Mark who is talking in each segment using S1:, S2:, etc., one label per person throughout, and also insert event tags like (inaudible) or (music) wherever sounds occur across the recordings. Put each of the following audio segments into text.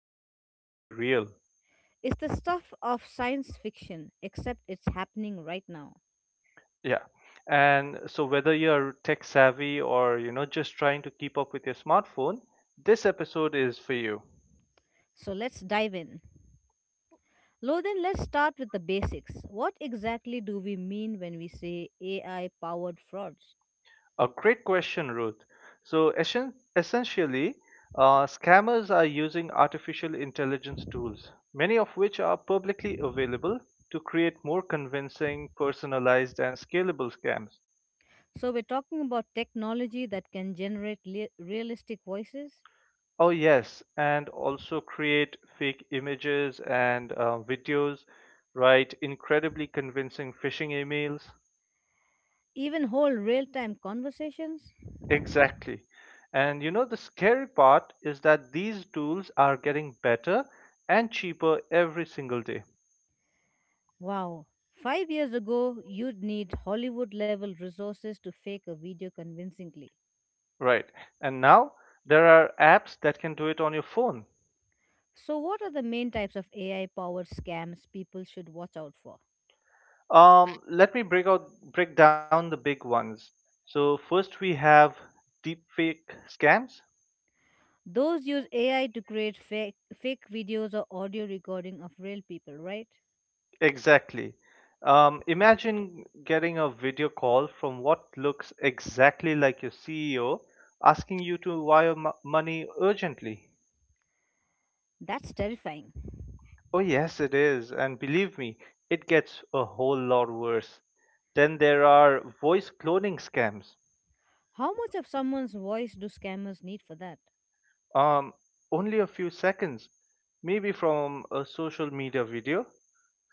S1: seem completely real.
S2: It's the stuff of science fiction, except it's happening right now.
S1: Yeah. And so whether you're tech savvy or just trying to keep up with your smartphone, this episode is for you.
S2: So, let's dive in. Lo, then let's start with the basics. What exactly do we mean when we say AI powered frauds?
S1: A great question, Ruth. So essentially, scammers are using artificial intelligence tools, many of which are publicly available, to create more convincing, personalized, and scalable scams.
S2: So, we're talking about technology that can generate realistic voices,
S1: Oh, yes, and also create fake images and videos, write incredibly convincing phishing emails.
S2: even whole real time conversations.
S1: Exactly. And you know, the scary part is that these tools are getting better and cheaper every single day.
S2: Wow. Five years ago, you'd need Hollywood level resources to fake a video convincingly.
S1: Right. And now there are apps that can do it on your phone.
S2: So, what are the main types of AI powered scams people should watch out for?
S1: Let me break down the big ones. So first we have deepfake scams.
S2: Those use AI to create fake videos or audio recording of real people, right?
S1: Exactly. Imagine getting a video call from what looks exactly like your CEO asking you to wire money urgently.
S2: That's terrifying.
S1: Oh yes, it is, and believe me, it gets a whole lot worse. Then there are voice cloning scams.
S2: How much of someone's voice do scammers need for that?
S1: um, only a few seconds, maybe from a social media video.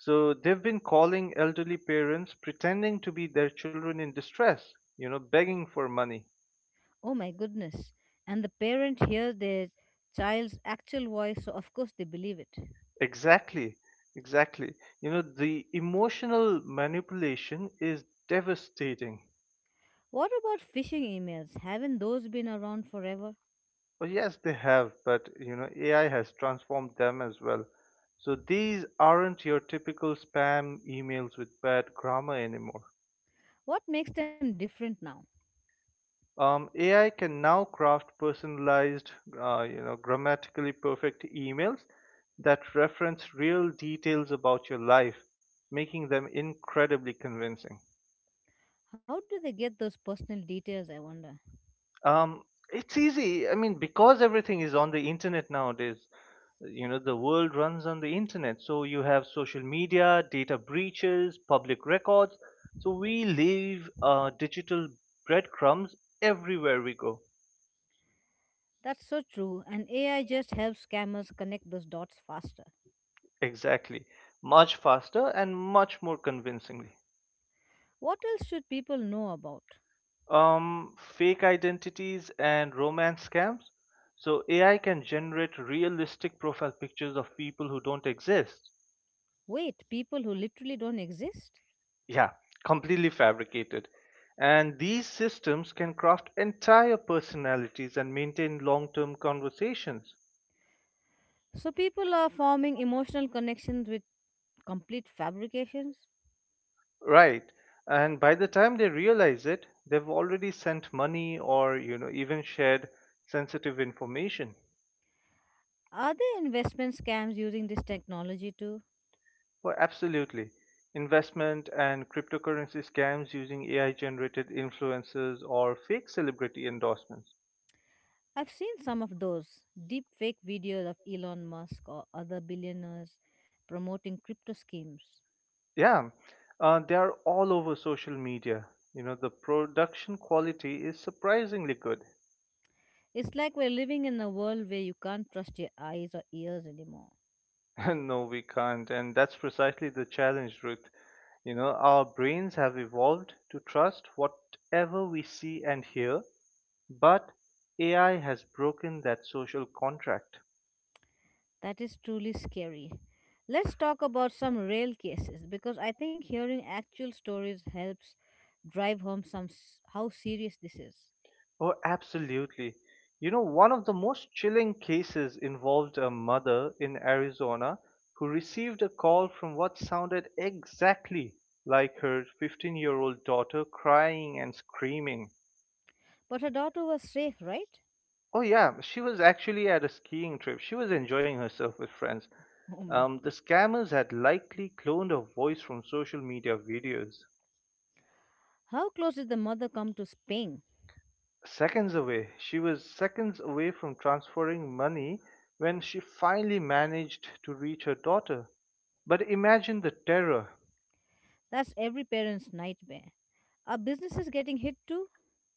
S1: So they've been calling elderly parents pretending to be their children in distress, you know, begging for money.
S2: Oh my goodness. And the parent hears their child's actual voice, so of course they believe it.
S1: Exactly, exactly. You know, the emotional manipulation is devastating.
S2: What about phishing emails? Haven't those been around forever?
S1: Oh, yes, they have, but you know, AI has transformed them as well. So these aren't your typical spam emails with bad grammar anymore.
S2: What makes them different now?
S1: AI can now craft personalized, you know, grammatically perfect emails that reference real details about your life, making them incredibly convincing.
S2: How do they get those personal details, I wonder?
S1: Um, it's easy. I mean, because everything is on the internet nowadays, you know, the world runs on the internet. So you have social media, data breaches, public records. So we leave digital breadcrumbs everywhere we go.
S2: That's so true, and AI just helps scammers connect those dots faster.
S1: Exactly. Much faster and much more convincingly.
S2: What else should people know about?
S1: Fake identities and romance scams. So AI can generate realistic profile pictures of people who don't exist.
S2: Wait, people who literally don't exist?
S1: Yeah, completely fabricated. And these systems can craft entire personalities and maintain long term conversations.
S2: So people are forming emotional connections with complete fabrications?
S1: Right. And by the time they realize it, they've already sent money or, you know, even shared sensitive information.
S2: Are there investment scams using this technology too?
S1: Well, absolutely. Investment and cryptocurrency scams using AI generated influencers or fake celebrity endorsements.
S2: I've seen some of those deep fake videos of Elon Musk or other billionaires promoting crypto schemes.
S1: Yeah, they are all over social media. You know, the production quality is surprisingly good.
S2: It's like we're living in a world where you can't trust your eyes or ears anymore.
S1: (laughs) No, we can't. And that's precisely the challenge, Ruth. You know, our brains have evolved to trust whatever we see and hear, but AI has broken that social contract.
S2: That is truly scary. Let's talk about some real cases because I think hearing actual stories helps drive home how serious this is.
S1: Oh, absolutely. You know, one of the most chilling cases involved a mother in Arizona who received a call from what sounded exactly like her 15-year-old daughter crying and screaming.
S2: But her daughter was safe, right?
S1: Oh, yeah, she was actually at a skiing trip. She was enjoying herself with friends.
S2: Oh my.
S1: The scammers had likely cloned her voice from social media videos.
S2: How close did the mother come to spaying?
S1: Seconds away. She was seconds away from transferring money when she finally managed to reach her daughter. But imagine the terror,
S2: That's every parent's nightmare. Are businesses getting hit too?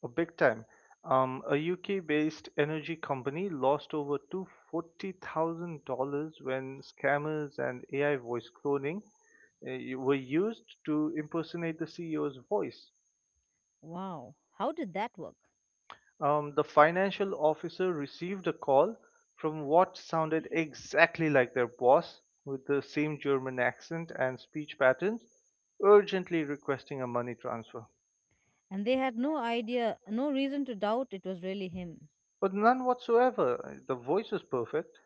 S1: a big time. A UK based energy company lost over $240,000 when scammers and AI voice cloning were used to impersonate the CEO's voice.
S2: Wow, how did that work?
S1: The financial officer received a call from what sounded exactly like their boss, with the same German accent and speech patterns, urgently requesting a money transfer.
S2: And they had no idea, no reason to doubt it was really him.
S1: But none whatsoever. The voice was perfect.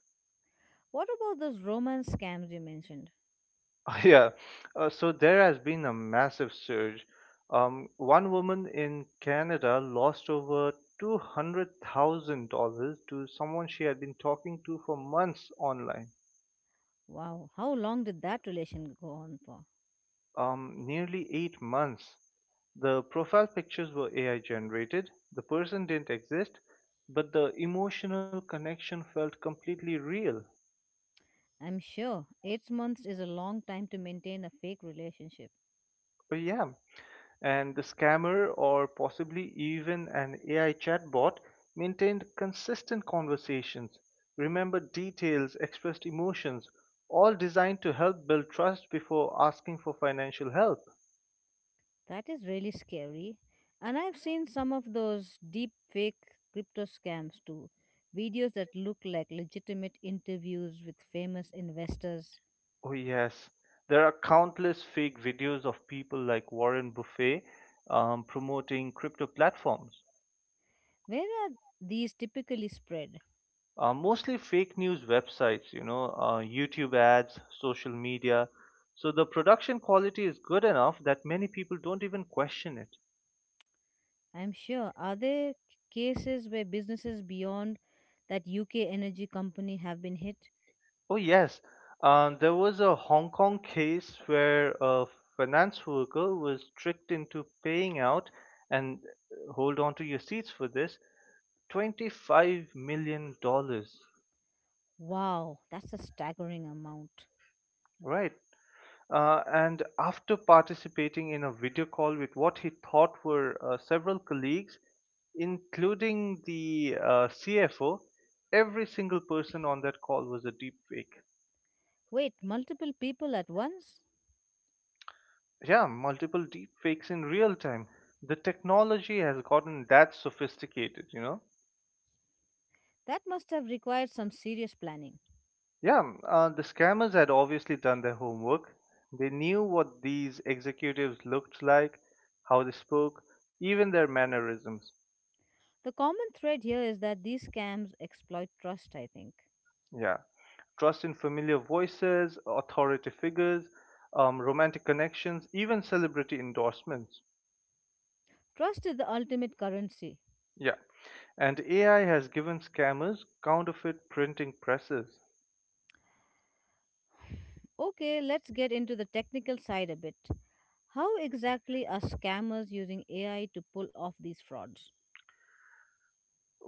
S2: What about those romance scams you mentioned?
S1: (laughs) Yeah. So there has been a massive surge. One woman in Canada lost over $200,000 to someone she had been talking to for months online,
S2: Wow, how long did that relation go on for?
S1: nearly 8 months. The profile pictures were AI generated, the person didn't exist, but the emotional connection felt completely real.
S2: I'm sure 8 months is a long time to maintain a fake relationship.
S1: Oh, yeah. And the scammer, or possibly even an AI chatbot, maintained consistent conversations, remembered details, expressed emotions, all designed to help build trust before asking for financial help.
S2: That is really scary. And I've seen some of those deep fake crypto scams too. Videos that look like legitimate interviews with famous investors.
S1: Oh, yes. There are countless fake videos of people like Warren Buffet promoting crypto platforms.
S2: Where are these typically spread?
S1: Mostly fake news websites, you know, YouTube ads, social media. So the production quality is good enough that many people don't even question it.
S2: I'm sure. Cases where businesses beyond that UK energy company have been hit?
S1: Oh, yes, there was a Hong Kong case where a finance worker was tricked into paying out, and hold on to your seats for this, $25 million. Dollars.
S2: Wow, that's a staggering amount.
S1: Right. And after participating in a video call with what he thought were several colleagues, including the CFO, every single person on that call was a deep fake.
S2: Wait, multiple people at once?
S1: Yeah, multiple deep fakes in real time. The technology has gotten that sophisticated, you know?
S2: That must have required some serious planning.
S1: Yeah, the scammers had obviously done their homework. They knew what these executives looked like, how they spoke, even their mannerisms.
S2: The common thread here is that these scams exploit trust, I think.
S1: Yeah. Trust in familiar voices, authority figures, romantic connections, even celebrity endorsements.
S2: Trust is the ultimate currency.
S1: Yeah. And AI has given scammers counterfeit printing presses.
S2: Okay, let's get into the technical side a bit. How exactly are scammers using AI to pull off these frauds?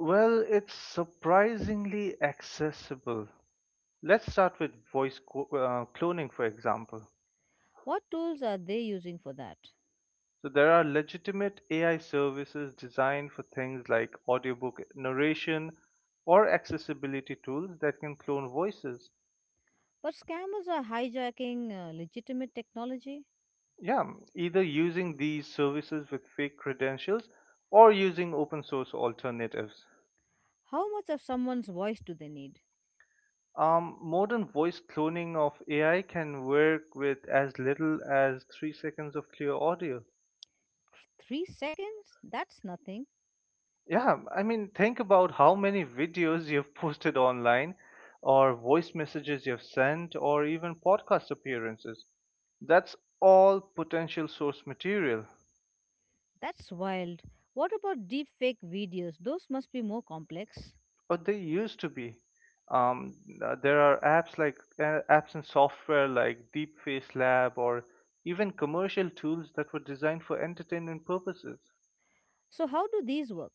S1: Well, it's surprisingly accessible. Let's start with cloning, for example.
S2: What tools are they using for that?
S1: So, there are legitimate AI services designed for things like audiobook narration or accessibility tools that can clone voices.
S2: But scammers are hijacking legitimate technology.
S1: Yeah, either using these services with fake credentials or using open source alternatives.
S2: How much of someone's voice do they need?
S1: Modern voice cloning of AI can work with as little as 3 seconds of clear audio.
S2: Three seconds? That's nothing.
S1: Yeah, I mean, think about how many videos (laughs) you've posted online, or voice messages you've sent, or even podcast appearances. That's all potential source material.
S2: That's wild. What about deepfake videos? Those must be more complex.
S1: Oh, they used to be. Um, there are apps and software like Deepface Lab or even commercial tools that were designed for entertainment purposes.
S2: So, how do these work?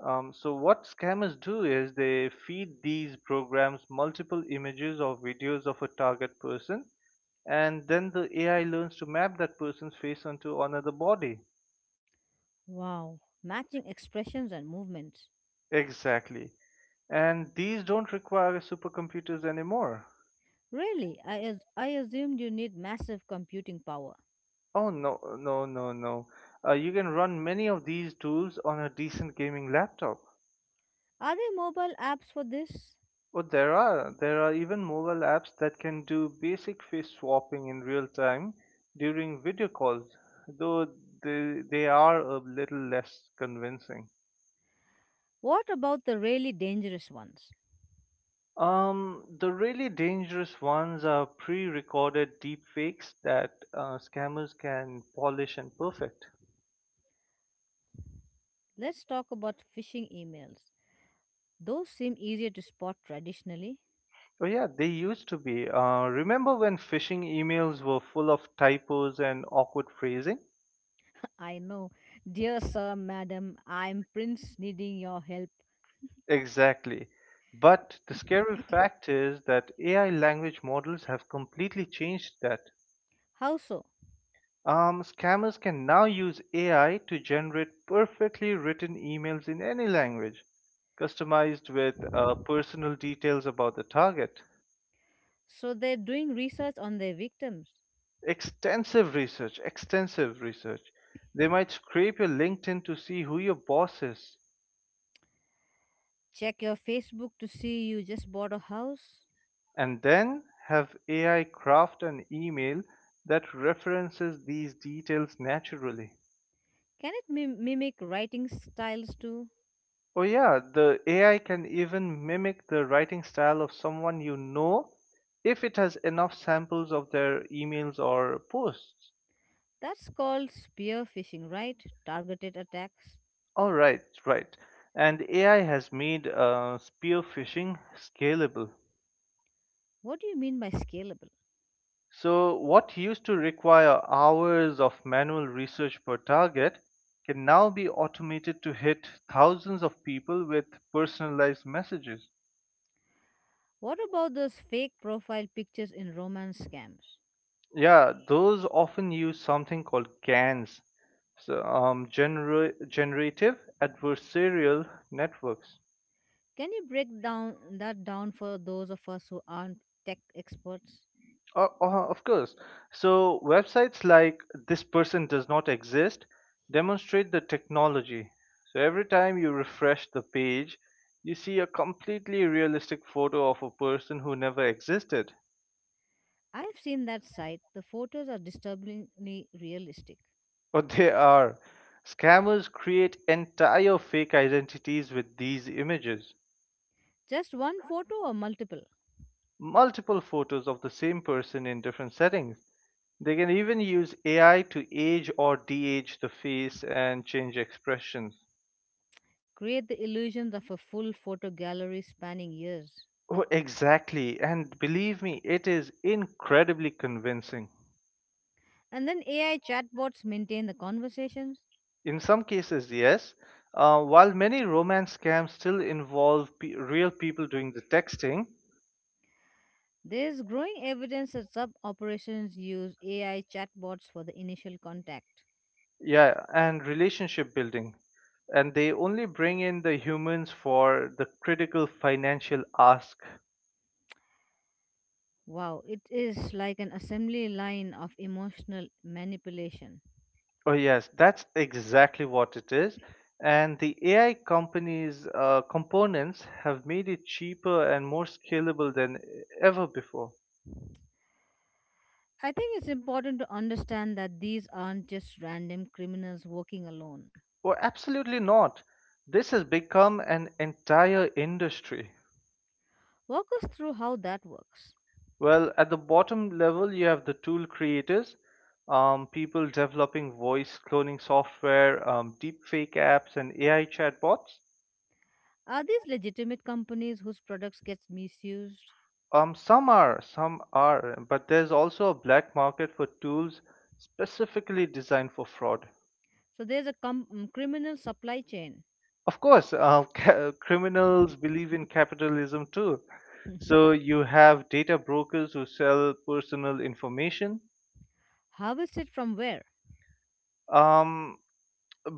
S1: So what scammers do is they feed these programs multiple images or videos of a target person, and then the AI learns to map that person's face onto another body.
S2: Wow, matching expressions and movements.
S1: Exactly. And these don't require supercomputers anymore.
S2: Really, I assumed you need massive computing power.
S1: Oh no, no, no, no. You can run many of these tools on a decent gaming laptop.
S2: Are there mobile apps for this?
S1: But there are even mobile apps that can do basic face swapping in real time during video calls, though they are a little less convincing.
S2: What about the really dangerous ones?
S1: The really dangerous ones are pre-recorded deepfakes that scammers can polish and perfect.
S2: Let's talk about phishing emails. Those seem easier to spot traditionally.
S1: Oh yeah, they used to be. Remember when phishing emails were full of typos and awkward phrasing?
S2: (laughs) I know. Dear sir, madam, I'm Prince needing your help.
S1: Exactly. But the scary fact is that AI language models have completely changed that.
S2: How so?
S1: Scammers can now use AI to generate perfectly written emails in any language, customized with personal details about the target.
S2: So they're doing research on their victims.
S1: Extensive research, extensive research. They might scrape your LinkedIn to see who your boss is,
S2: Check your Facebook to see you just bought a house.
S1: and then have AI craft an email that references these details naturally.
S2: Can it mimic writing styles too?
S1: Oh, yeah, the AI can even mimic the writing style of someone you know if it has enough samples of their emails or posts.
S2: That's called spearfishing, right? Targeted attacks.
S1: All right, right. And AI has made spear phishing scalable.
S2: What do you mean by scalable?
S1: So, what used to require hours of manual research per target can now be automated to hit thousands of people with personalized messages.
S2: What about those fake profile pictures in romance scams?
S1: Yeah, those often use something called GANs, so, generative adversarial networks.
S2: Can you break down that down for those of us who aren't tech experts?
S1: Of course. So websites like this person does not exist demonstrate the technology. So every time you refresh the page, you see a completely realistic photo of a person who never existed.
S2: I've seen that site. The photos are disturbingly realistic.
S1: (laughs) But they are. Scammers create entire fake identities with these images.
S2: Just one photo or multiple
S1: Multiple photos of the same person in different settings. They can even use AI to age or de-age the face and change expressions.
S2: create the illusions of a full photo gallery spanning years.
S1: Oh, exactly. And believe me, it is incredibly convincing.
S2: And then AI chatbots maintain the conversations.
S1: In some cases, yes. While many romance scams still involve real people doing the texting,
S2: There's growing evidence that some operations use AI chatbots for the initial contact.
S1: yeah, and relationship building, and they only bring in the humans for the critical financial ask.
S2: Wow, it is like an assembly line of emotional manipulation.
S1: Oh, yes, that's exactly what it is. And the AI companies' components have made it cheaper and more scalable than ever before.
S2: I think it's important to understand that these aren't just random criminals working alone.
S1: Oh, absolutely not. This has become an entire industry.
S2: Walk us through how that works.
S1: Well, at the bottom level, you have the tool creators, people developing voice cloning software, deepfake apps, and AI chatbots.
S2: Are these legitimate companies whose products get misused?
S1: Some are, but there's also a black market for tools specifically designed for fraud.
S2: So there's a criminal supply chain.
S1: Of course, (laughs) criminals believe in capitalism too.
S2: (laughs)
S1: So you have data brokers who sell personal information,
S2: Harvest it from where?
S1: um,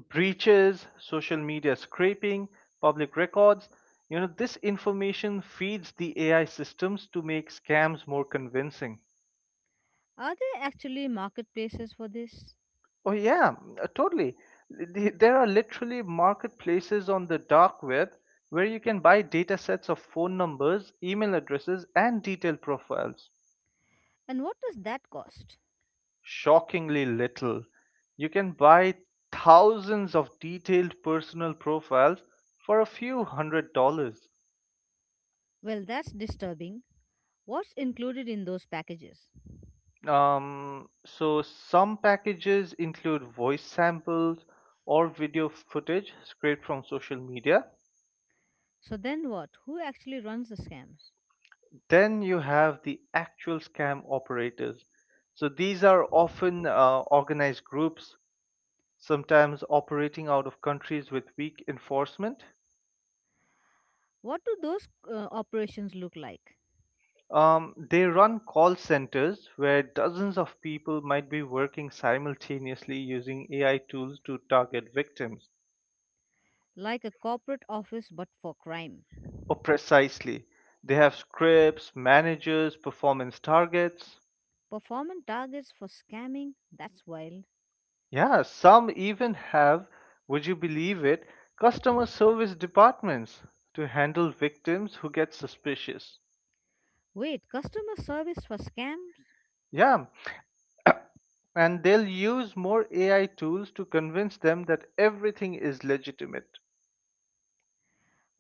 S1: breaches, social media scraping, public records. You know, this information feeds the AI systems to make scams more convincing.
S2: Are there actually marketplaces for this?
S1: Oh, yeah, totally. There are literally marketplaces on the dark web where you can buy data sets of phone numbers, email addresses, and detailed profiles.
S2: And what does that cost?
S1: Shockingly little. You can buy thousands of detailed personal profiles for a few a few hundred dollars.
S2: Well, that's disturbing. What's included in those packages?
S1: So some packages include voice samples or video footage scraped from social media.
S2: So then what? Who actually runs the scams?
S1: Then you have the actual scam operators. So these are often organized groups, sometimes operating out of countries with weak enforcement.
S2: What do those operations look like?
S1: They run call centers where dozens of people might be working simultaneously using AI tools to target victims.
S2: Like a corporate office but for crime.
S1: Oh, precisely. They have scripts, managers, performance targets.
S2: Performance targets for scamming? That's wild.
S1: Yeah, some even have, would you believe it, customer service departments to handle victims who get suspicious.
S2: Wait, customer service for scams?
S1: Yeah, and they'll use more AI tools to convince them that everything is legitimate.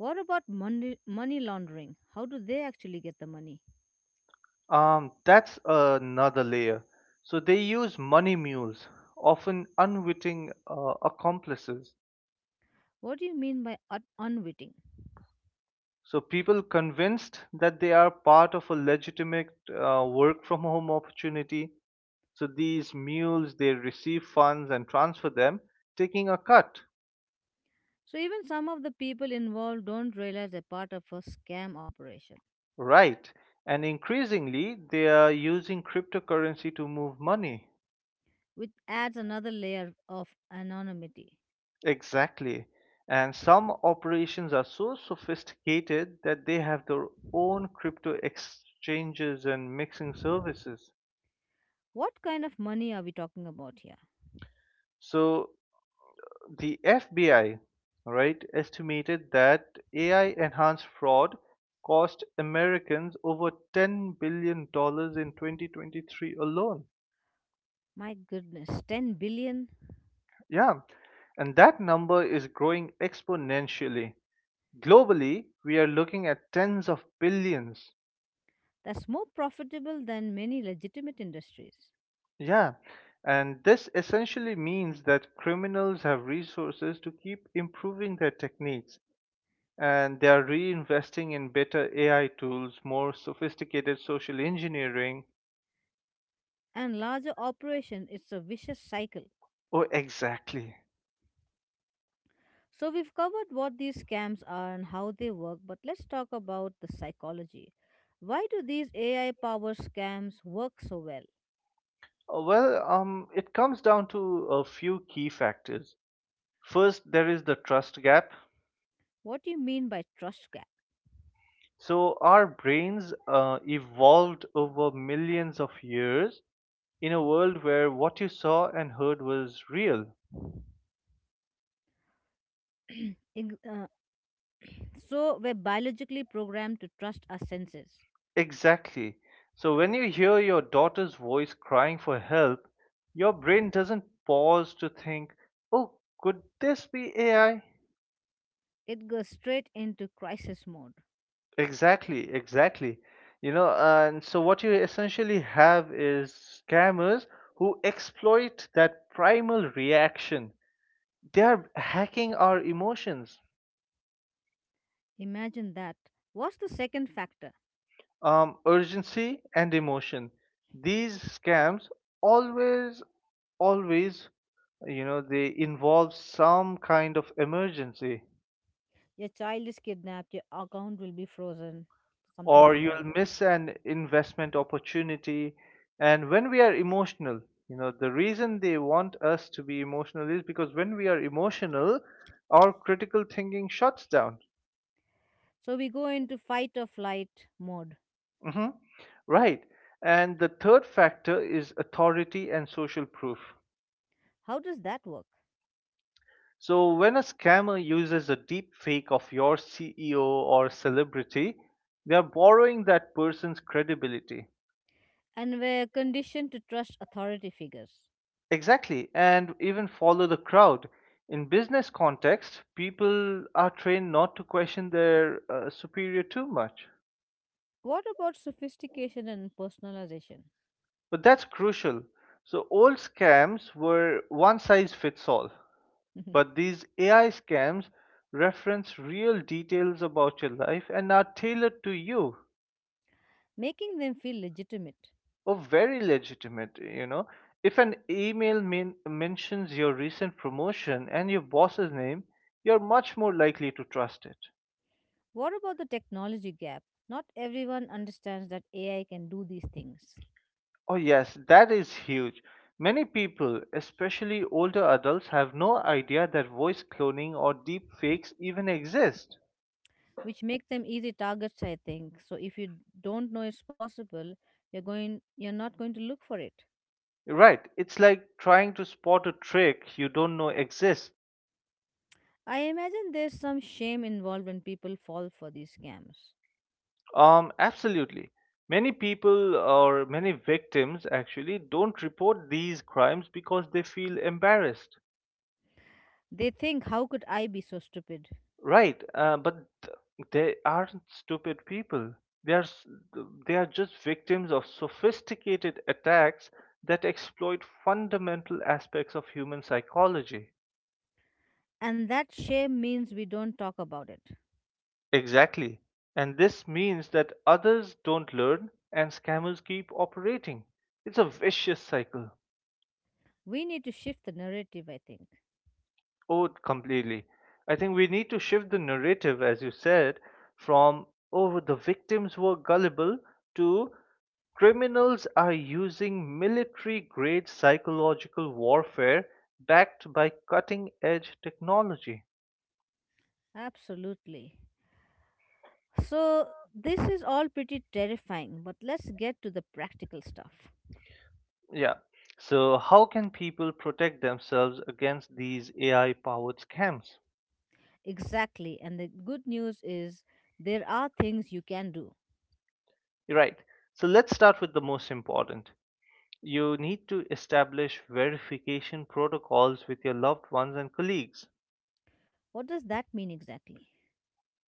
S2: What about money laundering? How do they actually get the money?
S1: That's another layer. So they use money mules, often unwitting accomplices.
S2: What do you mean by unwitting?
S1: So people convinced that they are part of a legitimate work from home opportunity. So these mules, they receive funds and transfer them, taking a cut,
S2: So, even some of the people involved don't realize they're part of a scam operation.
S1: right? And increasingly, they are using cryptocurrency to move money.
S2: Which adds another layer of anonymity.
S1: Exactly. And some operations are so sophisticated that they have their own crypto exchanges and mixing services.
S2: What kind of money are we talking about here?
S1: So The FBI, right, estimated that AI enhanced fraud cost Americans over $10 billion dollars in 2023 alone.
S2: My goodness, 10 billion?
S1: Yeah, and that number is growing exponentially. Globally, we are looking at tens of billions.
S2: That's more profitable than many legitimate industries.
S1: Yeah, and this essentially means that criminals have resources to keep improving their techniques, and they are reinvesting in better AI tools, more sophisticated social engineering.
S2: And larger operation, it's a vicious cycle.
S1: Oh, exactly.
S2: So we've covered what these scams are and how they work, but let's talk about the psychology. Why do these AI powered scams work so well?
S1: Well, it comes down to a few key factors. First, there is the trust gap.
S2: What do you mean by trust gap?
S1: So, our brains evolved over millions of years in a world where what you saw and heard was real.
S2: (clears throat) Ig- uh, so we're biologically programmed to trust our senses.
S1: Exactly. So when you hear your daughter's voice crying for help, your brain doesn't pause to think, oh, could this be AI?
S2: It goes straight into crisis mode.
S1: Exactly, exactly. You know, and so what you essentially have is scammers who exploit that primal reaction. They are hacking our emotions,
S2: Imagine that. What's the second factor?
S1: urgency and emotion. These scams always, always, you know, they involve some kind of emergency,
S2: Your child is kidnapped, your account will be frozen, something
S1: or
S2: like
S1: you'll
S2: that.
S1: miss an investment opportunity. And when we are emotional, you know, the reason they want us to be emotional is because when we are emotional, our critical thinking shuts down.
S2: So we go into fight or flight mode.
S1: Hmm, right. And the third factor is authority and social proof.
S2: How does that work?
S1: So when a scammer uses a deep fake of your CEO or celebrity, they are borrowing that person's credibility.
S2: And we're conditioned to trust authority figures.
S1: Exactly, and even follow the crowd. In business context, people are trained not to question their superior too much.
S2: What about sophistication and personalization?
S1: But that's crucial. So old scams were one size fits all, but
S2: (laughs)
S1: these AI scams reference real details about your life and are tailored to you.
S2: Making them feel legitimate.
S1: Or very legitimate, you know. If an email mentions your recent promotion and your boss's name, you're much more likely to trust it.
S2: What about the technology gap? Not everyone understands that AI can do these things.
S1: Oh, yes, that is huge. Many people, especially older adults, have no idea that voice cloning or deep fakes even exist.
S2: Which make them easy targets, I think. So if you don't know it's possible, you're not going to look for it.
S1: Right, it's like trying to spot a trick you don't know exists.
S2: I imagine there's some shame involved when people fall for these scams.
S1: Absolutely. Many people or many victims actually don't report these crimes because they feel embarrassed.
S2: They think, how could I be so stupid?
S1: Right, but th- they aren't stupid people. They are s- they are just victims of sophisticated attacks that exploit fundamental aspects of human psychology.
S2: And that shame means we don't talk about it.
S1: Exactly. And this means that others don't learn and scammers keep operating. It's a vicious cycle.
S2: We need to shift the narrative, I think.
S1: Oh, completely. I think we need to shift the narrative, as you said, from, oh, the victims were gullible, to criminals are using military grade psychological warfare backed by cutting edge technology.
S2: Absolutely. So this is all pretty terrifying, but let's get to the practical stuff.
S1: Yeah. So, how can people protect themselves against these AI powered scams?
S2: Exactly, and the good news is there are things you can do.
S1: Right. So, let's start with the most important. You need to establish verification protocols with your loved ones and colleagues.
S2: What does that mean exactly?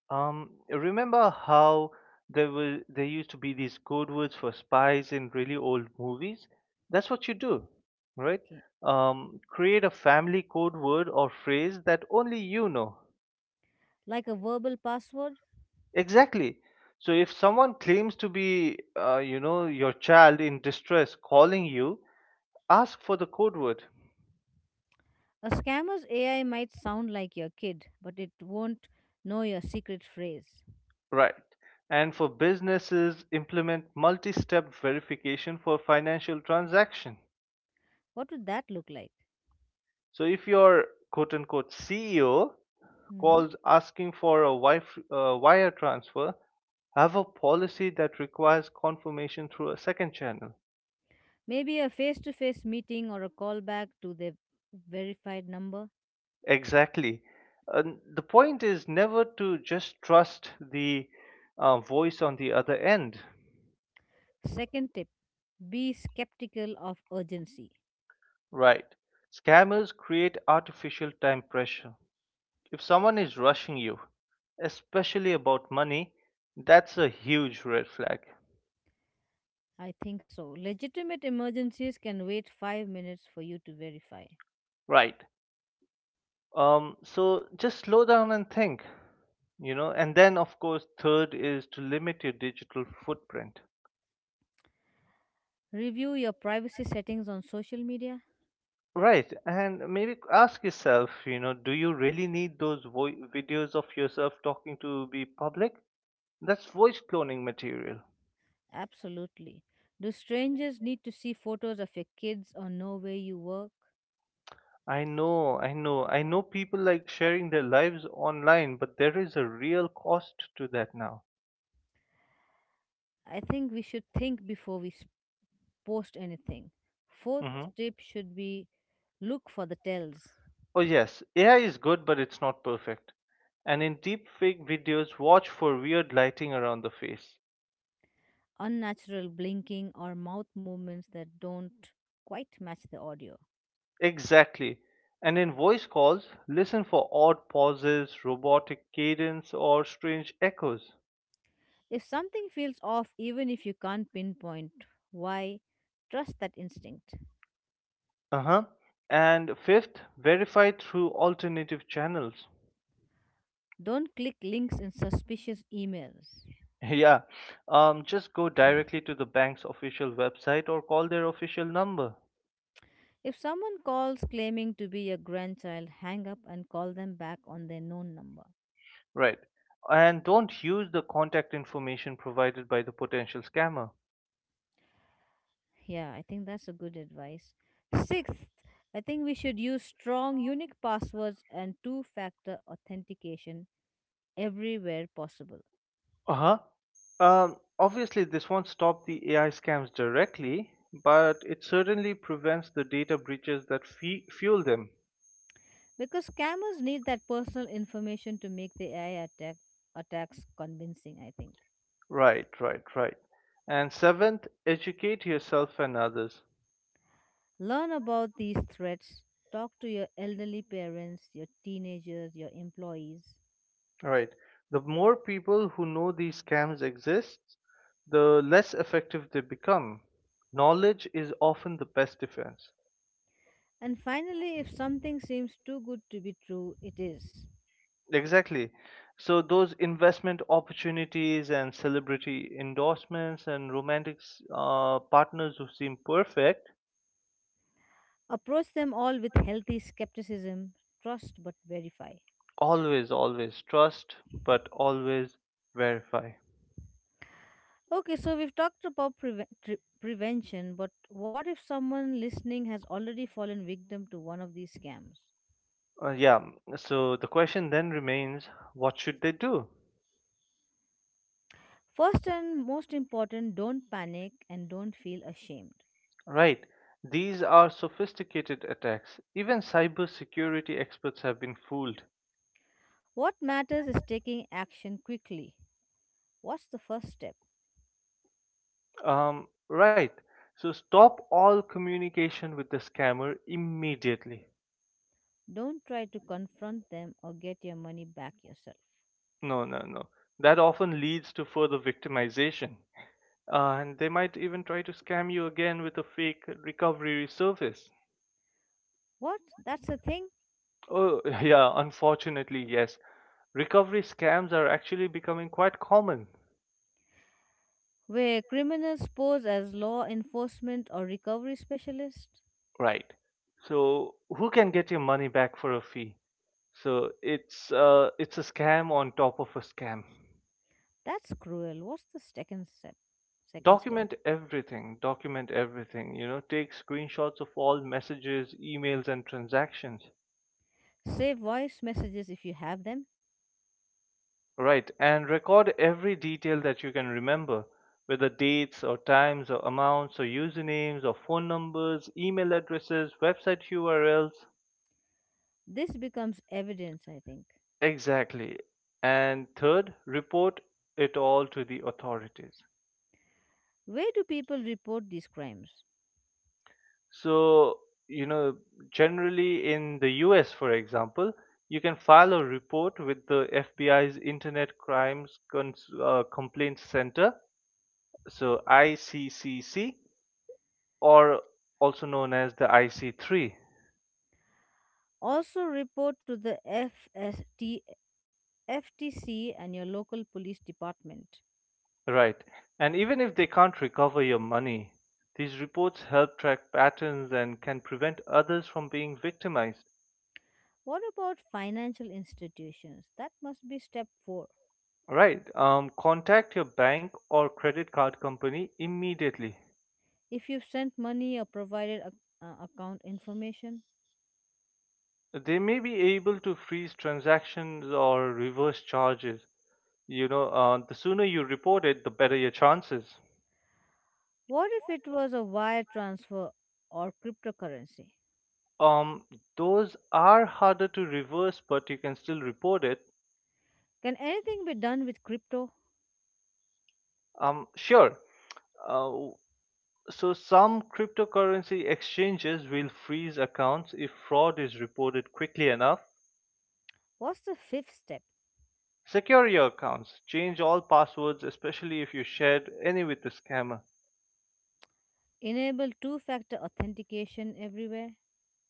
S1: Remember how there used to be these code words for spies in really old movies? That's what you do, right?
S2: Okay.
S1: Create a family code word or phrase that only you know.
S2: Like a verbal password?
S1: Exactly. So if someone claims to be, you know, your child in distress calling you, ask for the code word,
S2: A scammer's AI might sound like your kid, but it won't know your secret phrase.
S1: right? And for businesses, implement multi-step verification for financial transaction.
S2: What would that look like?
S1: So if your quote unquote CEO
S2: Hmm.
S1: calls asking for a wire transfer, have a policy that requires confirmation through a second channel.
S2: Maybe a face to face meeting or a callback to the verified number.
S1: Exactly. And the point is never to just trust the voice on the other end.
S2: Second tip, be skeptical of urgency.
S1: Right. Scammers create artificial time pressure. If someone is rushing you, especially about money, that's a huge red flag.
S2: I think so. Legitimate emergencies can wait 5 minutes for you to verify.
S1: Right. So just slow down and think, you know, and then of course, third is to limit your digital footprint.
S2: Review your privacy settings on social media.
S1: Right, and maybe ask yourself, you know, do you really need those videos of yourself talking to be public? That's voice cloning material.
S2: Absolutely. Do strangers need to see photos of your kids or know where you work?
S1: I know, I know, I know people like sharing their lives online, but there is a real cost to that now.
S2: I think we should think before post anything. Fourth
S1: Hmm.
S2: tip should be, look for the tells,
S1: Oh yes, AI is good but it's not perfect. And in deepfake videos, watch for weird lighting around the face.
S2: unnatural blinking or mouth movements that don't quite match the audio.
S1: Exactly. And in voice calls, listen for odd pauses, robotic cadence, or strange echoes.
S2: If something feels off, even if you can't pinpoint why, trust that instinct.
S1: Uh huh. And fifth, verify through alternative channels.
S2: Don't click links in suspicious emails.
S1: (laughs) Yeah. Just go directly to the bank's official website or call their official number.
S2: If someone calls claiming to be your grandchild, hang up and call them back on their known number.
S1: Right. And don't use the contact information provided by the potential scammer.
S2: Yeah, I think that's a good advice. Sixth, I think we should use strong, unique passwords and two factor authentication everywhere possible.
S1: Uh-huh. Obviously, this won't stop the AI scams directly, but it certainly prevents the data breaches that fe fuel them.
S2: Because scammers need that personal information to make the attacks convincing, I think.
S1: Right, right, right. And seventh, educate yourself and others.
S2: Learn about these threats. Talk to your elderly parents, your teenagers, your employees.
S1: All right. The more people who know these scams exist, the less effective they become. Knowledge is often the best defense.
S2: And finally, if something seems too good to be true, it is.
S1: Exactly. So those investment opportunities and celebrity endorsements and romantic partners who seem perfect,
S2: Approach them all with healthy skepticism, trust but verify.
S1: always, always trust, but always verify.
S2: Okay, so we've talked about prevention, but what if someone listening has already fallen victim to one of these scams?
S1: Yeah. So the question then remains, what should they do?
S2: First and most important, don't panic and don't feel ashamed.
S1: Right. These are sophisticated attacks. Even cybersecurity experts have been fooled.
S2: What matters is taking action quickly. What's the first step?
S1: Right. So stop all communication with the scammer immediately.
S2: Don't try to confront them or get your money back yourself.
S1: No, no, no. That often leads to further victimization. And they might even try to scam you again with a fake recovery service.
S2: What? That's a thing?
S1: Oh, (laughs) yeah, unfortunately, yes. Recovery scams are actually becoming quite common.
S2: Where criminals pose as law enforcement or recovery specialists.
S1: Right. So, who can get your money back for a fee? So, it's a scam on top of a scam.
S2: That's cruel. What's the second step? Second step.
S1: Document everything, you know, take screenshots of all messages, emails and transactions.
S2: Save voice messages if you have them.
S1: Right, and record every detail that you can remember, whether dates or times or amounts or usernames or phone numbers, email addresses, website URLs.
S2: This becomes evidence, I think.
S1: Exactly. And third, report it all to the authorities.
S2: Where do people report these crimes?
S1: So, you know, generally in the US, for example, you can file a report with the FBI's Internet Complaints Center, so ICCC, or also known as the IC3,
S2: Also report to the FSTFTC and your local police department.
S1: right? And even if they can't recover your money, these reports help track patterns and can prevent others from being victimized.
S2: What about financial institutions? That must be step 4.
S1: Right. Contact your bank or credit card company immediately.
S2: If you've sent money or provided a, account information,
S1: They may be able to freeze transactions or reverse charges. You know, the sooner you report it, the better your chances.
S2: what if it was a wire transfer or cryptocurrency?
S1: Um, those are harder to reverse, but you can still report it.
S2: Can anything be done with crypto?
S1: Sure. Uh, So some cryptocurrency exchanges will freeze accounts if fraud is reported quickly enough.
S2: What's the fifth step?
S1: Secure your accounts. Change all passwords, especially if you shared any with the scammer.
S2: Enable two factor authentication everywhere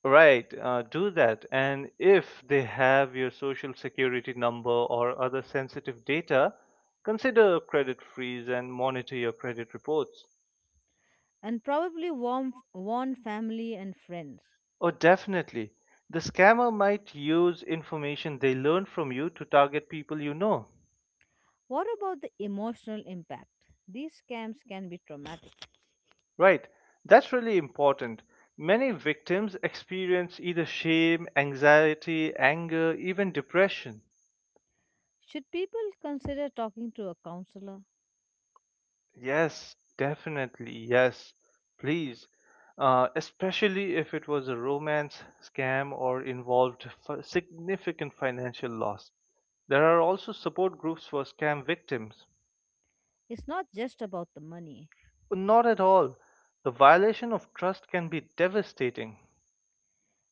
S1: Right, do that. And if they have your social security number or other sensitive data, consider a credit freeze and monitor your credit reports.
S2: and probably warn family and friends.
S1: Oh, definitely. The scammer might use information they learn from you to target people you know.
S2: What about the emotional impact? These scams can be traumatic.
S1: Right. That's really important. Many victims experience either shame, anxiety, anger, even depression.
S2: Should people consider talking to a counselor?
S1: Yes, definitely. Yes, please. Especially if it was a romance scam or involved significant financial loss. There are also support groups for scam victims.
S2: It's not just about the money.
S1: Not at all. The violation of trust can be devastating.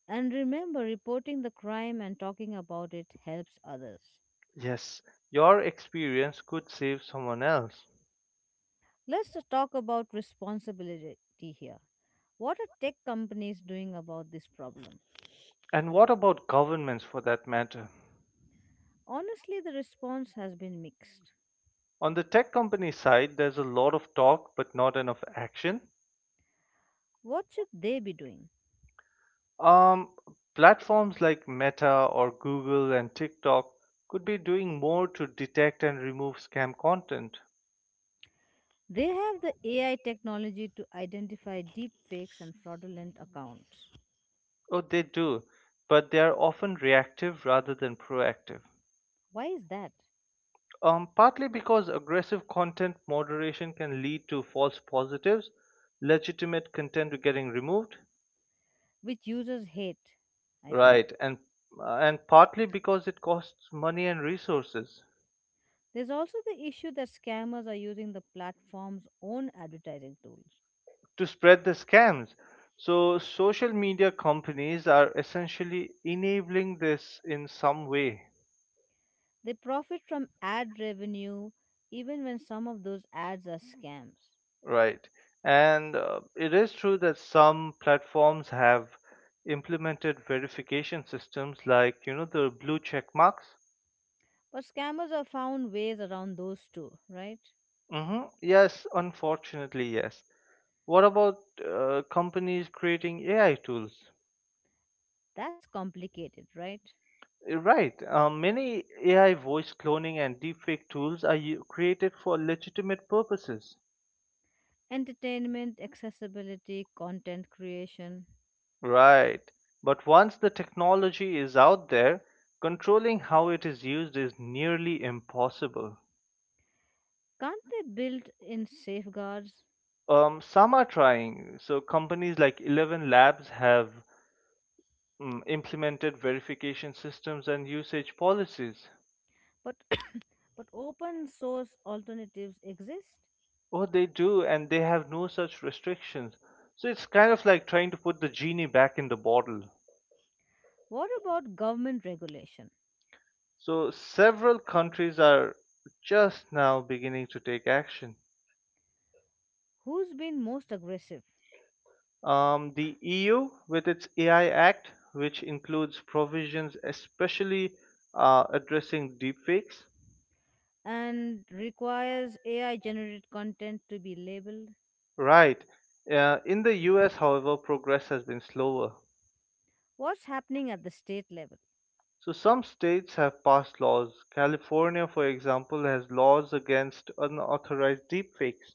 S2: And remember, reporting the crime and talking about it helps others.
S1: Yes, your experience could save someone else.
S2: Let's talk about responsibility here. What are tech companies doing about this problem?
S1: And what about governments for that matter?
S2: Honestly, the response has been mixed.
S1: On the tech company side, there's a lot of talk but not enough action.
S2: What should they be doing?
S1: Um, Platforms like Meta or Google and TikTok could be doing more to detect and remove scam content.
S2: They have the AI technology to identify deepfakes and fraudulent accounts.
S1: Oh, they do, but they are often reactive rather than proactive.
S2: Why is that?
S1: Partly because aggressive content moderation can lead to false positives, legitimate content getting removed.
S2: Which users hate, I think.
S1: Right, and partly because it costs money and resources
S2: There's also the issue that scammers are using the platform's own advertising tools.
S1: to spread the scams. So social media companies are essentially enabling this in some way,
S2: They profit from ad revenue even when some of those ads are scams.
S1: right? And it is true that some platforms have implemented verification systems like, you know, the blue check marks.
S2: But scammers have found ways around those too, right?
S1: Hmm. Yes, unfortunately, yes. What about companies creating AI tools?
S2: That's complicated, right?
S1: Right. Many AI voice cloning and deepfake tools are created for legitimate purposes.
S2: Entertainment, accessibility, content creation.
S1: Right. But once the technology is out there, controlling how it is used is nearly impossible.
S2: Can't they build in safeguards?
S1: Some are trying. So companies like 11 Labs have implemented verification systems and usage policies.
S2: But (coughs) but open source alternatives exist.
S1: Oh, they do, and they have no such restrictions. So it's kind of like trying to put the genie back in the bottle.
S2: What about government regulation?
S1: So several countries are just now beginning to take action.
S2: Who's been most aggressive
S1: The EU, with its AI Act, which includes provisions especially addressing deepfakes,
S2: and requires AI generated content to be labeled?
S1: right? In the US, however, progress has been slower.
S2: What's happening at the state level?
S1: So some states have passed laws. California, for example, has laws against unauthorized deepfakes.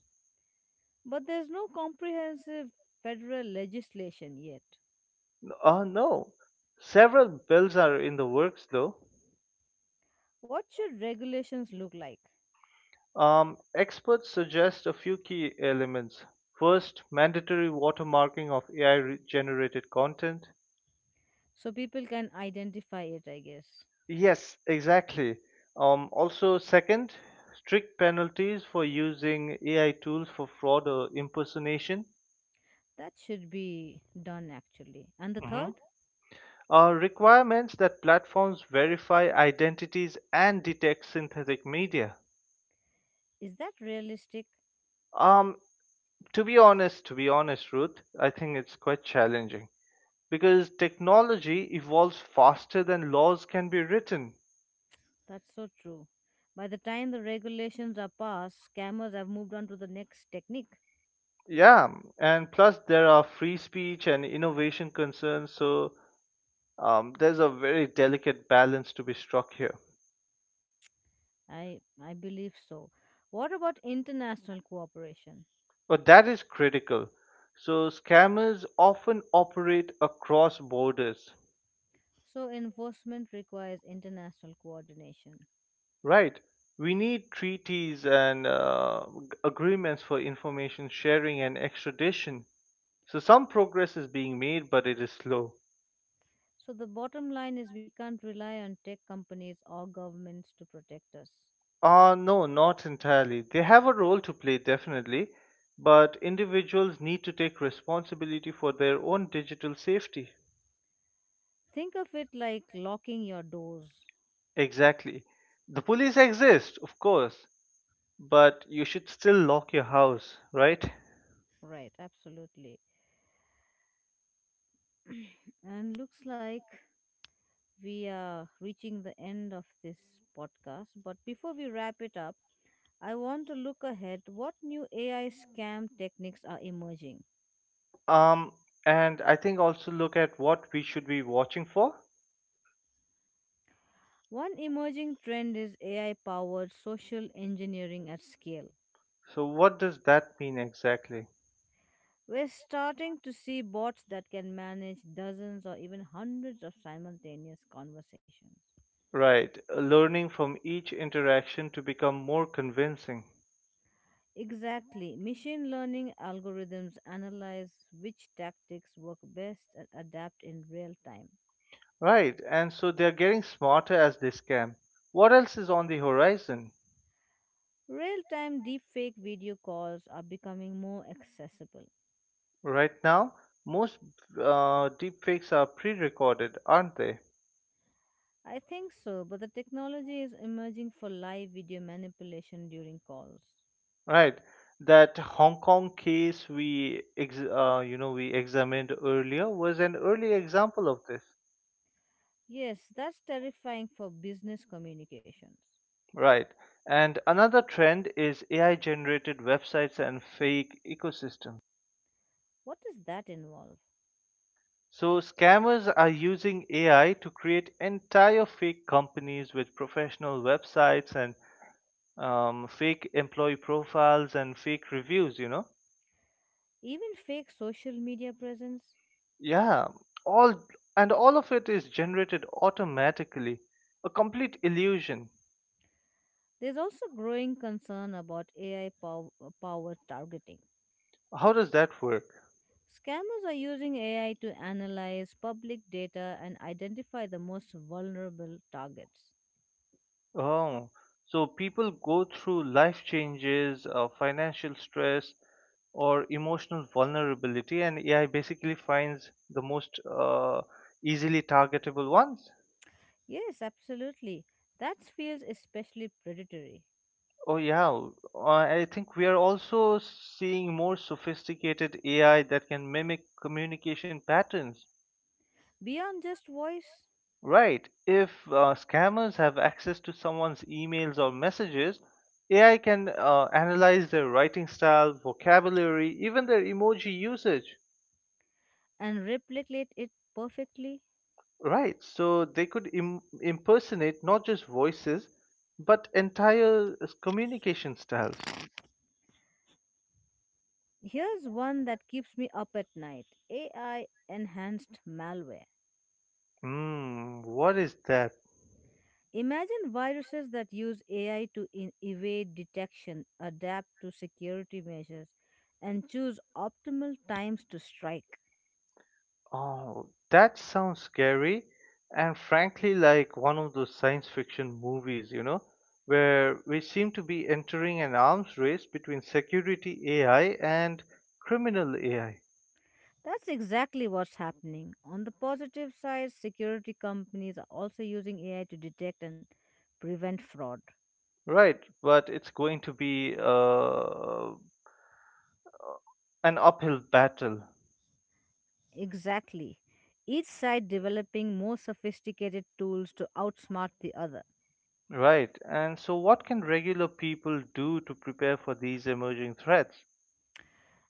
S2: But there's no comprehensive federal legislation yet.
S1: No, several bills are in the works, though.
S2: What should regulations look like
S1: Experts suggest a few key elements. First, mandatory watermarking of AI generated content.
S2: so people can identify it? I guess
S1: Yes, exactly. Second, strict penalties for using AI tools for fraud or impersonation.
S2: that should be done actually. And the
S1: Mhm.
S2: third
S1: Requirements that platforms verify identities and detect synthetic media.
S2: is that realistic?
S1: Um, to be honest Ruth, I think it's quite challenging, because technology evolves faster than laws can be written.
S2: That's so true. By the time the regulations are passed, scammers have moved on to the next technique.
S1: Yeah, and plus there are free speech and innovation concerns, so there's a very delicate balance to be struck here.
S2: I believe so. What about international cooperation?
S1: But that is critical. So scammers often operate across borders,
S2: So enforcement requires international coordination.
S1: right? We need treaties and agreements for information sharing and extradition. So some progress is being made, but it is slow.
S2: So the bottom line is we can't rely on tech companies or governments to protect us.
S1: No, not entirely. They have a role to play, definitely, but individuals need to take responsibility for their own digital safety.
S2: Think of it like locking your doors.
S1: Exactly. The police exist, of course, but you should still lock your house, right?
S2: Right, absolutely. (clears throat) And looks like we are reaching the end of this podcast. But before we wrap it up, I want to look ahead what new AI scam techniques are emerging.
S1: Um, and I think also look at what we should be watching for.
S2: One emerging trend is AI powered social engineering at scale.
S1: So, what does that mean exactly?
S2: We're starting to see bots that can manage dozens or even hundreds of simultaneous conversations.
S1: Right, learning from each interaction to become more convincing.
S2: Exactly. Machine learning algorithms analyze which tactics work best and adapt in real time.
S1: Right, and so they're getting smarter as they scam. What else is on the horizon?
S2: Real time deepfake video calls are becoming more accessible.
S1: Right now, most deepfakes are pre recorded, aren't they?
S2: I think so, but the technology is emerging for live video manipulation during calls.
S1: Right, that Hong Kong case we examined earlier was an early example of this.
S2: Yes, that's terrifying for business communications.
S1: Right, and another trend is AI generated websites and fake ecosystems.
S2: What does that involve?
S1: So scammers are using AI to create entire fake companies with professional websites and fake employee profiles and fake reviews.
S2: Even fake social media presence?
S1: Yeah, all, and all of it is generated automatically, a complete illusion.
S2: There's also growing concern about AI powered targeting.
S1: How does that work?
S2: Scammers are using AI to analyze public data and identify the most vulnerable targets.
S1: Oh, so people go through life changes, financial stress or emotional vulnerability, and AI basically finds the most easily targetable ones.
S2: Yes, absolutely. That feels especially predatory.
S1: Oh yeah, I think we are also seeing more sophisticated AI that can mimic communication patterns.
S2: Beyond just voice
S1: Right. If scammers have access to someone's emails or messages, AI can analyze their writing style, vocabulary, even their emoji usage.
S2: and replicate it perfectly.
S1: Right. So they could impersonate not just voices, but entire communication styles.
S2: Here's one that keeps me up at night: AI enhanced malware.
S1: Hmm, what is that?
S2: Imagine viruses that use AI to evade detection, adapt to security measures, and choose optimal times to strike.
S1: Oh, that sounds scary and frankly like one of those science fiction movies, you know, where we seem to be entering an arms race between security AI and criminal AI.
S2: That's exactly what's happening. On the positive side, security companies are also using AI to detect and prevent fraud.
S1: Right, but it's going to be an uphill battle.
S2: Exactly. Each side developing more sophisticated tools to outsmart the other.
S1: Right, and so what can regular people do to prepare for these emerging threats?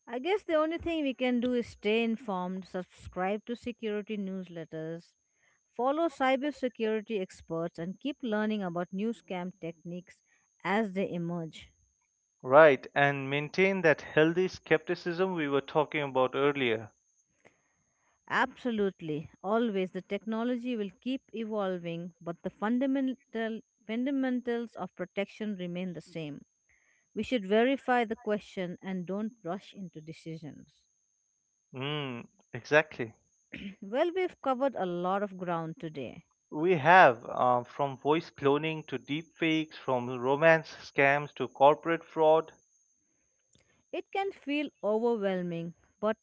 S2: I guess the only thing we can do is stay informed, subscribe to security newsletters, follow cybersecurity experts, and keep learning about new scam techniques as they emerge.
S1: Right, and maintain that healthy skepticism we were talking about earlier.
S2: Absolutely. Always the technology will keep evolving, but the fundamentals of protection remain the same. We should verify the question and don't rush into decisions. (laughs)
S1: Mm, exactly.
S2: (clears throat) Well, we've covered a lot of ground today.
S1: We have from voice cloning to deepfakes, from romance scams to corporate fraud.
S2: It can feel overwhelming, but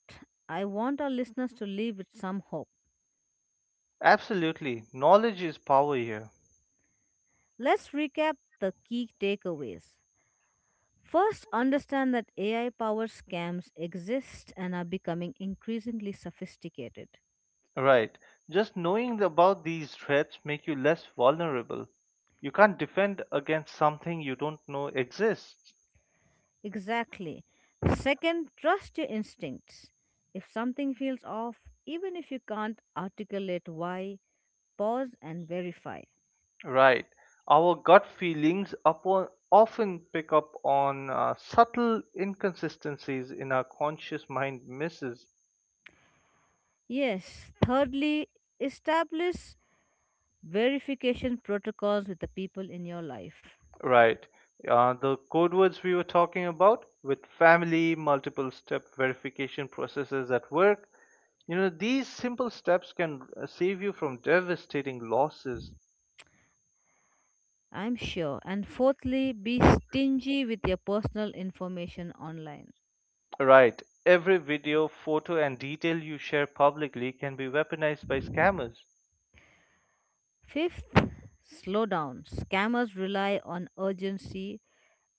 S2: I want our listeners to leave with some hope.
S1: Absolutely, knowledge is power here.
S2: Let's recap the key takeaways. First, understand that AI powered scams exist and are becoming increasingly sophisticated.
S1: Right. Just knowing about these threats make you less vulnerable. You can't defend against something you don't know exists.
S2: Exactly. Second, trust your instincts. If something feels off, even if you can't articulate why, pause and verify.
S1: Right. Our gut feelings upon, often pick up on subtle inconsistencies in our conscious mind misses.
S2: Yes, thirdly, establish verification protocols with the people in your life.
S1: Right. The code words we were talking about with family, multiple step verification processes at work, you know, these simple steps can save you from devastating losses.
S2: I'm sure. And fourthly, be stingy with your personal information online.
S1: Right. Every video, photo, and detail you share publicly can be weaponized by scammers.
S2: Fifth, slow down. Scammers rely on urgency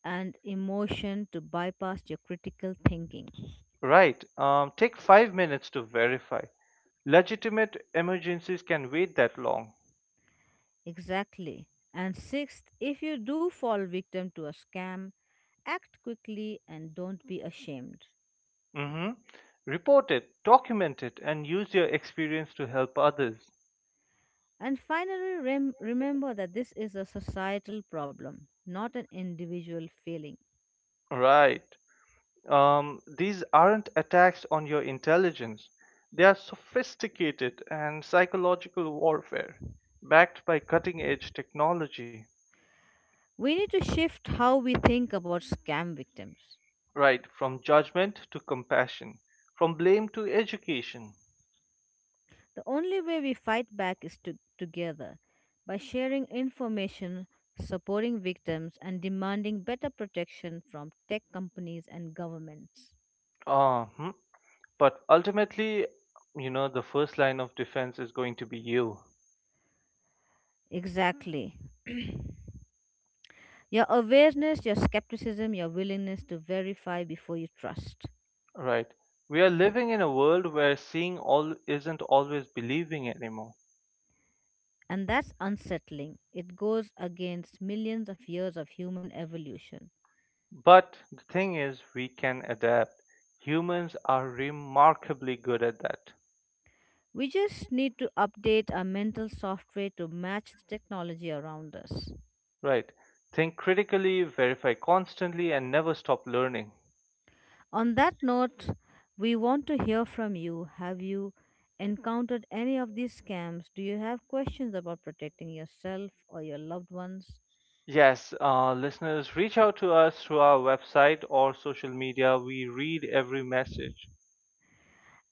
S2: and emotion to bypass your critical thinking.
S1: Right. Take 5 minutes to verify. Legitimate emergencies can wait that long.
S2: Exactly. And sixth, if you do fall victim to a scam, act quickly and don't be ashamed.
S1: Hmm. Report it, document it, and use your experience to help others.
S2: And finally, remember that this is a societal problem, not an individual failing.
S1: Right. These aren't attacks on your intelligence, they are sophisticated and psychological warfare backed by cutting edge technology,
S2: We need to shift how we think about scam victims.
S1: right? From judgment to compassion, from blame to education.
S2: The only way we fight back is together by sharing information, supporting victims, and demanding better protection from tech companies and governments.
S1: Hmm. But ultimately, you know, the first line of defense is going to be you,
S2: Exactly. (clears throat) Your awareness, your skepticism, your willingness to verify before you trust.
S1: right? We are living in a world where seeing all isn't always believing anymore.
S2: And that's unsettling. It goes against millions of years of human evolution.
S1: But the thing is, we can adapt. Humans are remarkably good at that,
S2: We just need to update our mental software to match the technology around us.
S1: right? Think critically, verify constantly, and never stop learning.
S2: On that note, we want to hear from you. Have you encountered any of these scams? Do you have questions about protecting yourself or your loved ones?
S1: Yes, listeners, reach out to us through our website or social media. We read every message.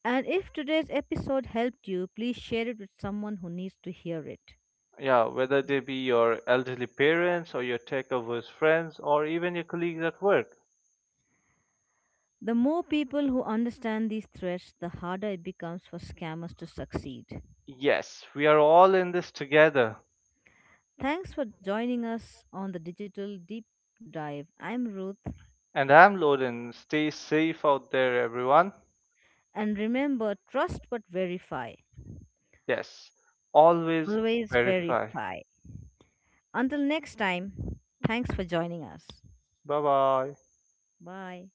S2: And if today's episode helped you, please share it with someone who needs to hear it.
S1: Yeah, whether they be your elderly parents or your tech averse friends or even your colleagues at work.
S2: The more people who understand these threats, the harder it becomes for scammers to succeed.
S1: Yes, we are all in this together.
S2: Thanks for joining us on the Digital Deep Dive. I'm Ruth.
S1: And I'm Loden. Stay safe out there, everyone.
S2: And remember, trust but verify.
S1: Yes, always
S2: Always
S1: verify.
S2: verify. Until next time, thanks for joining us.
S1: Bye bye.
S2: Bye.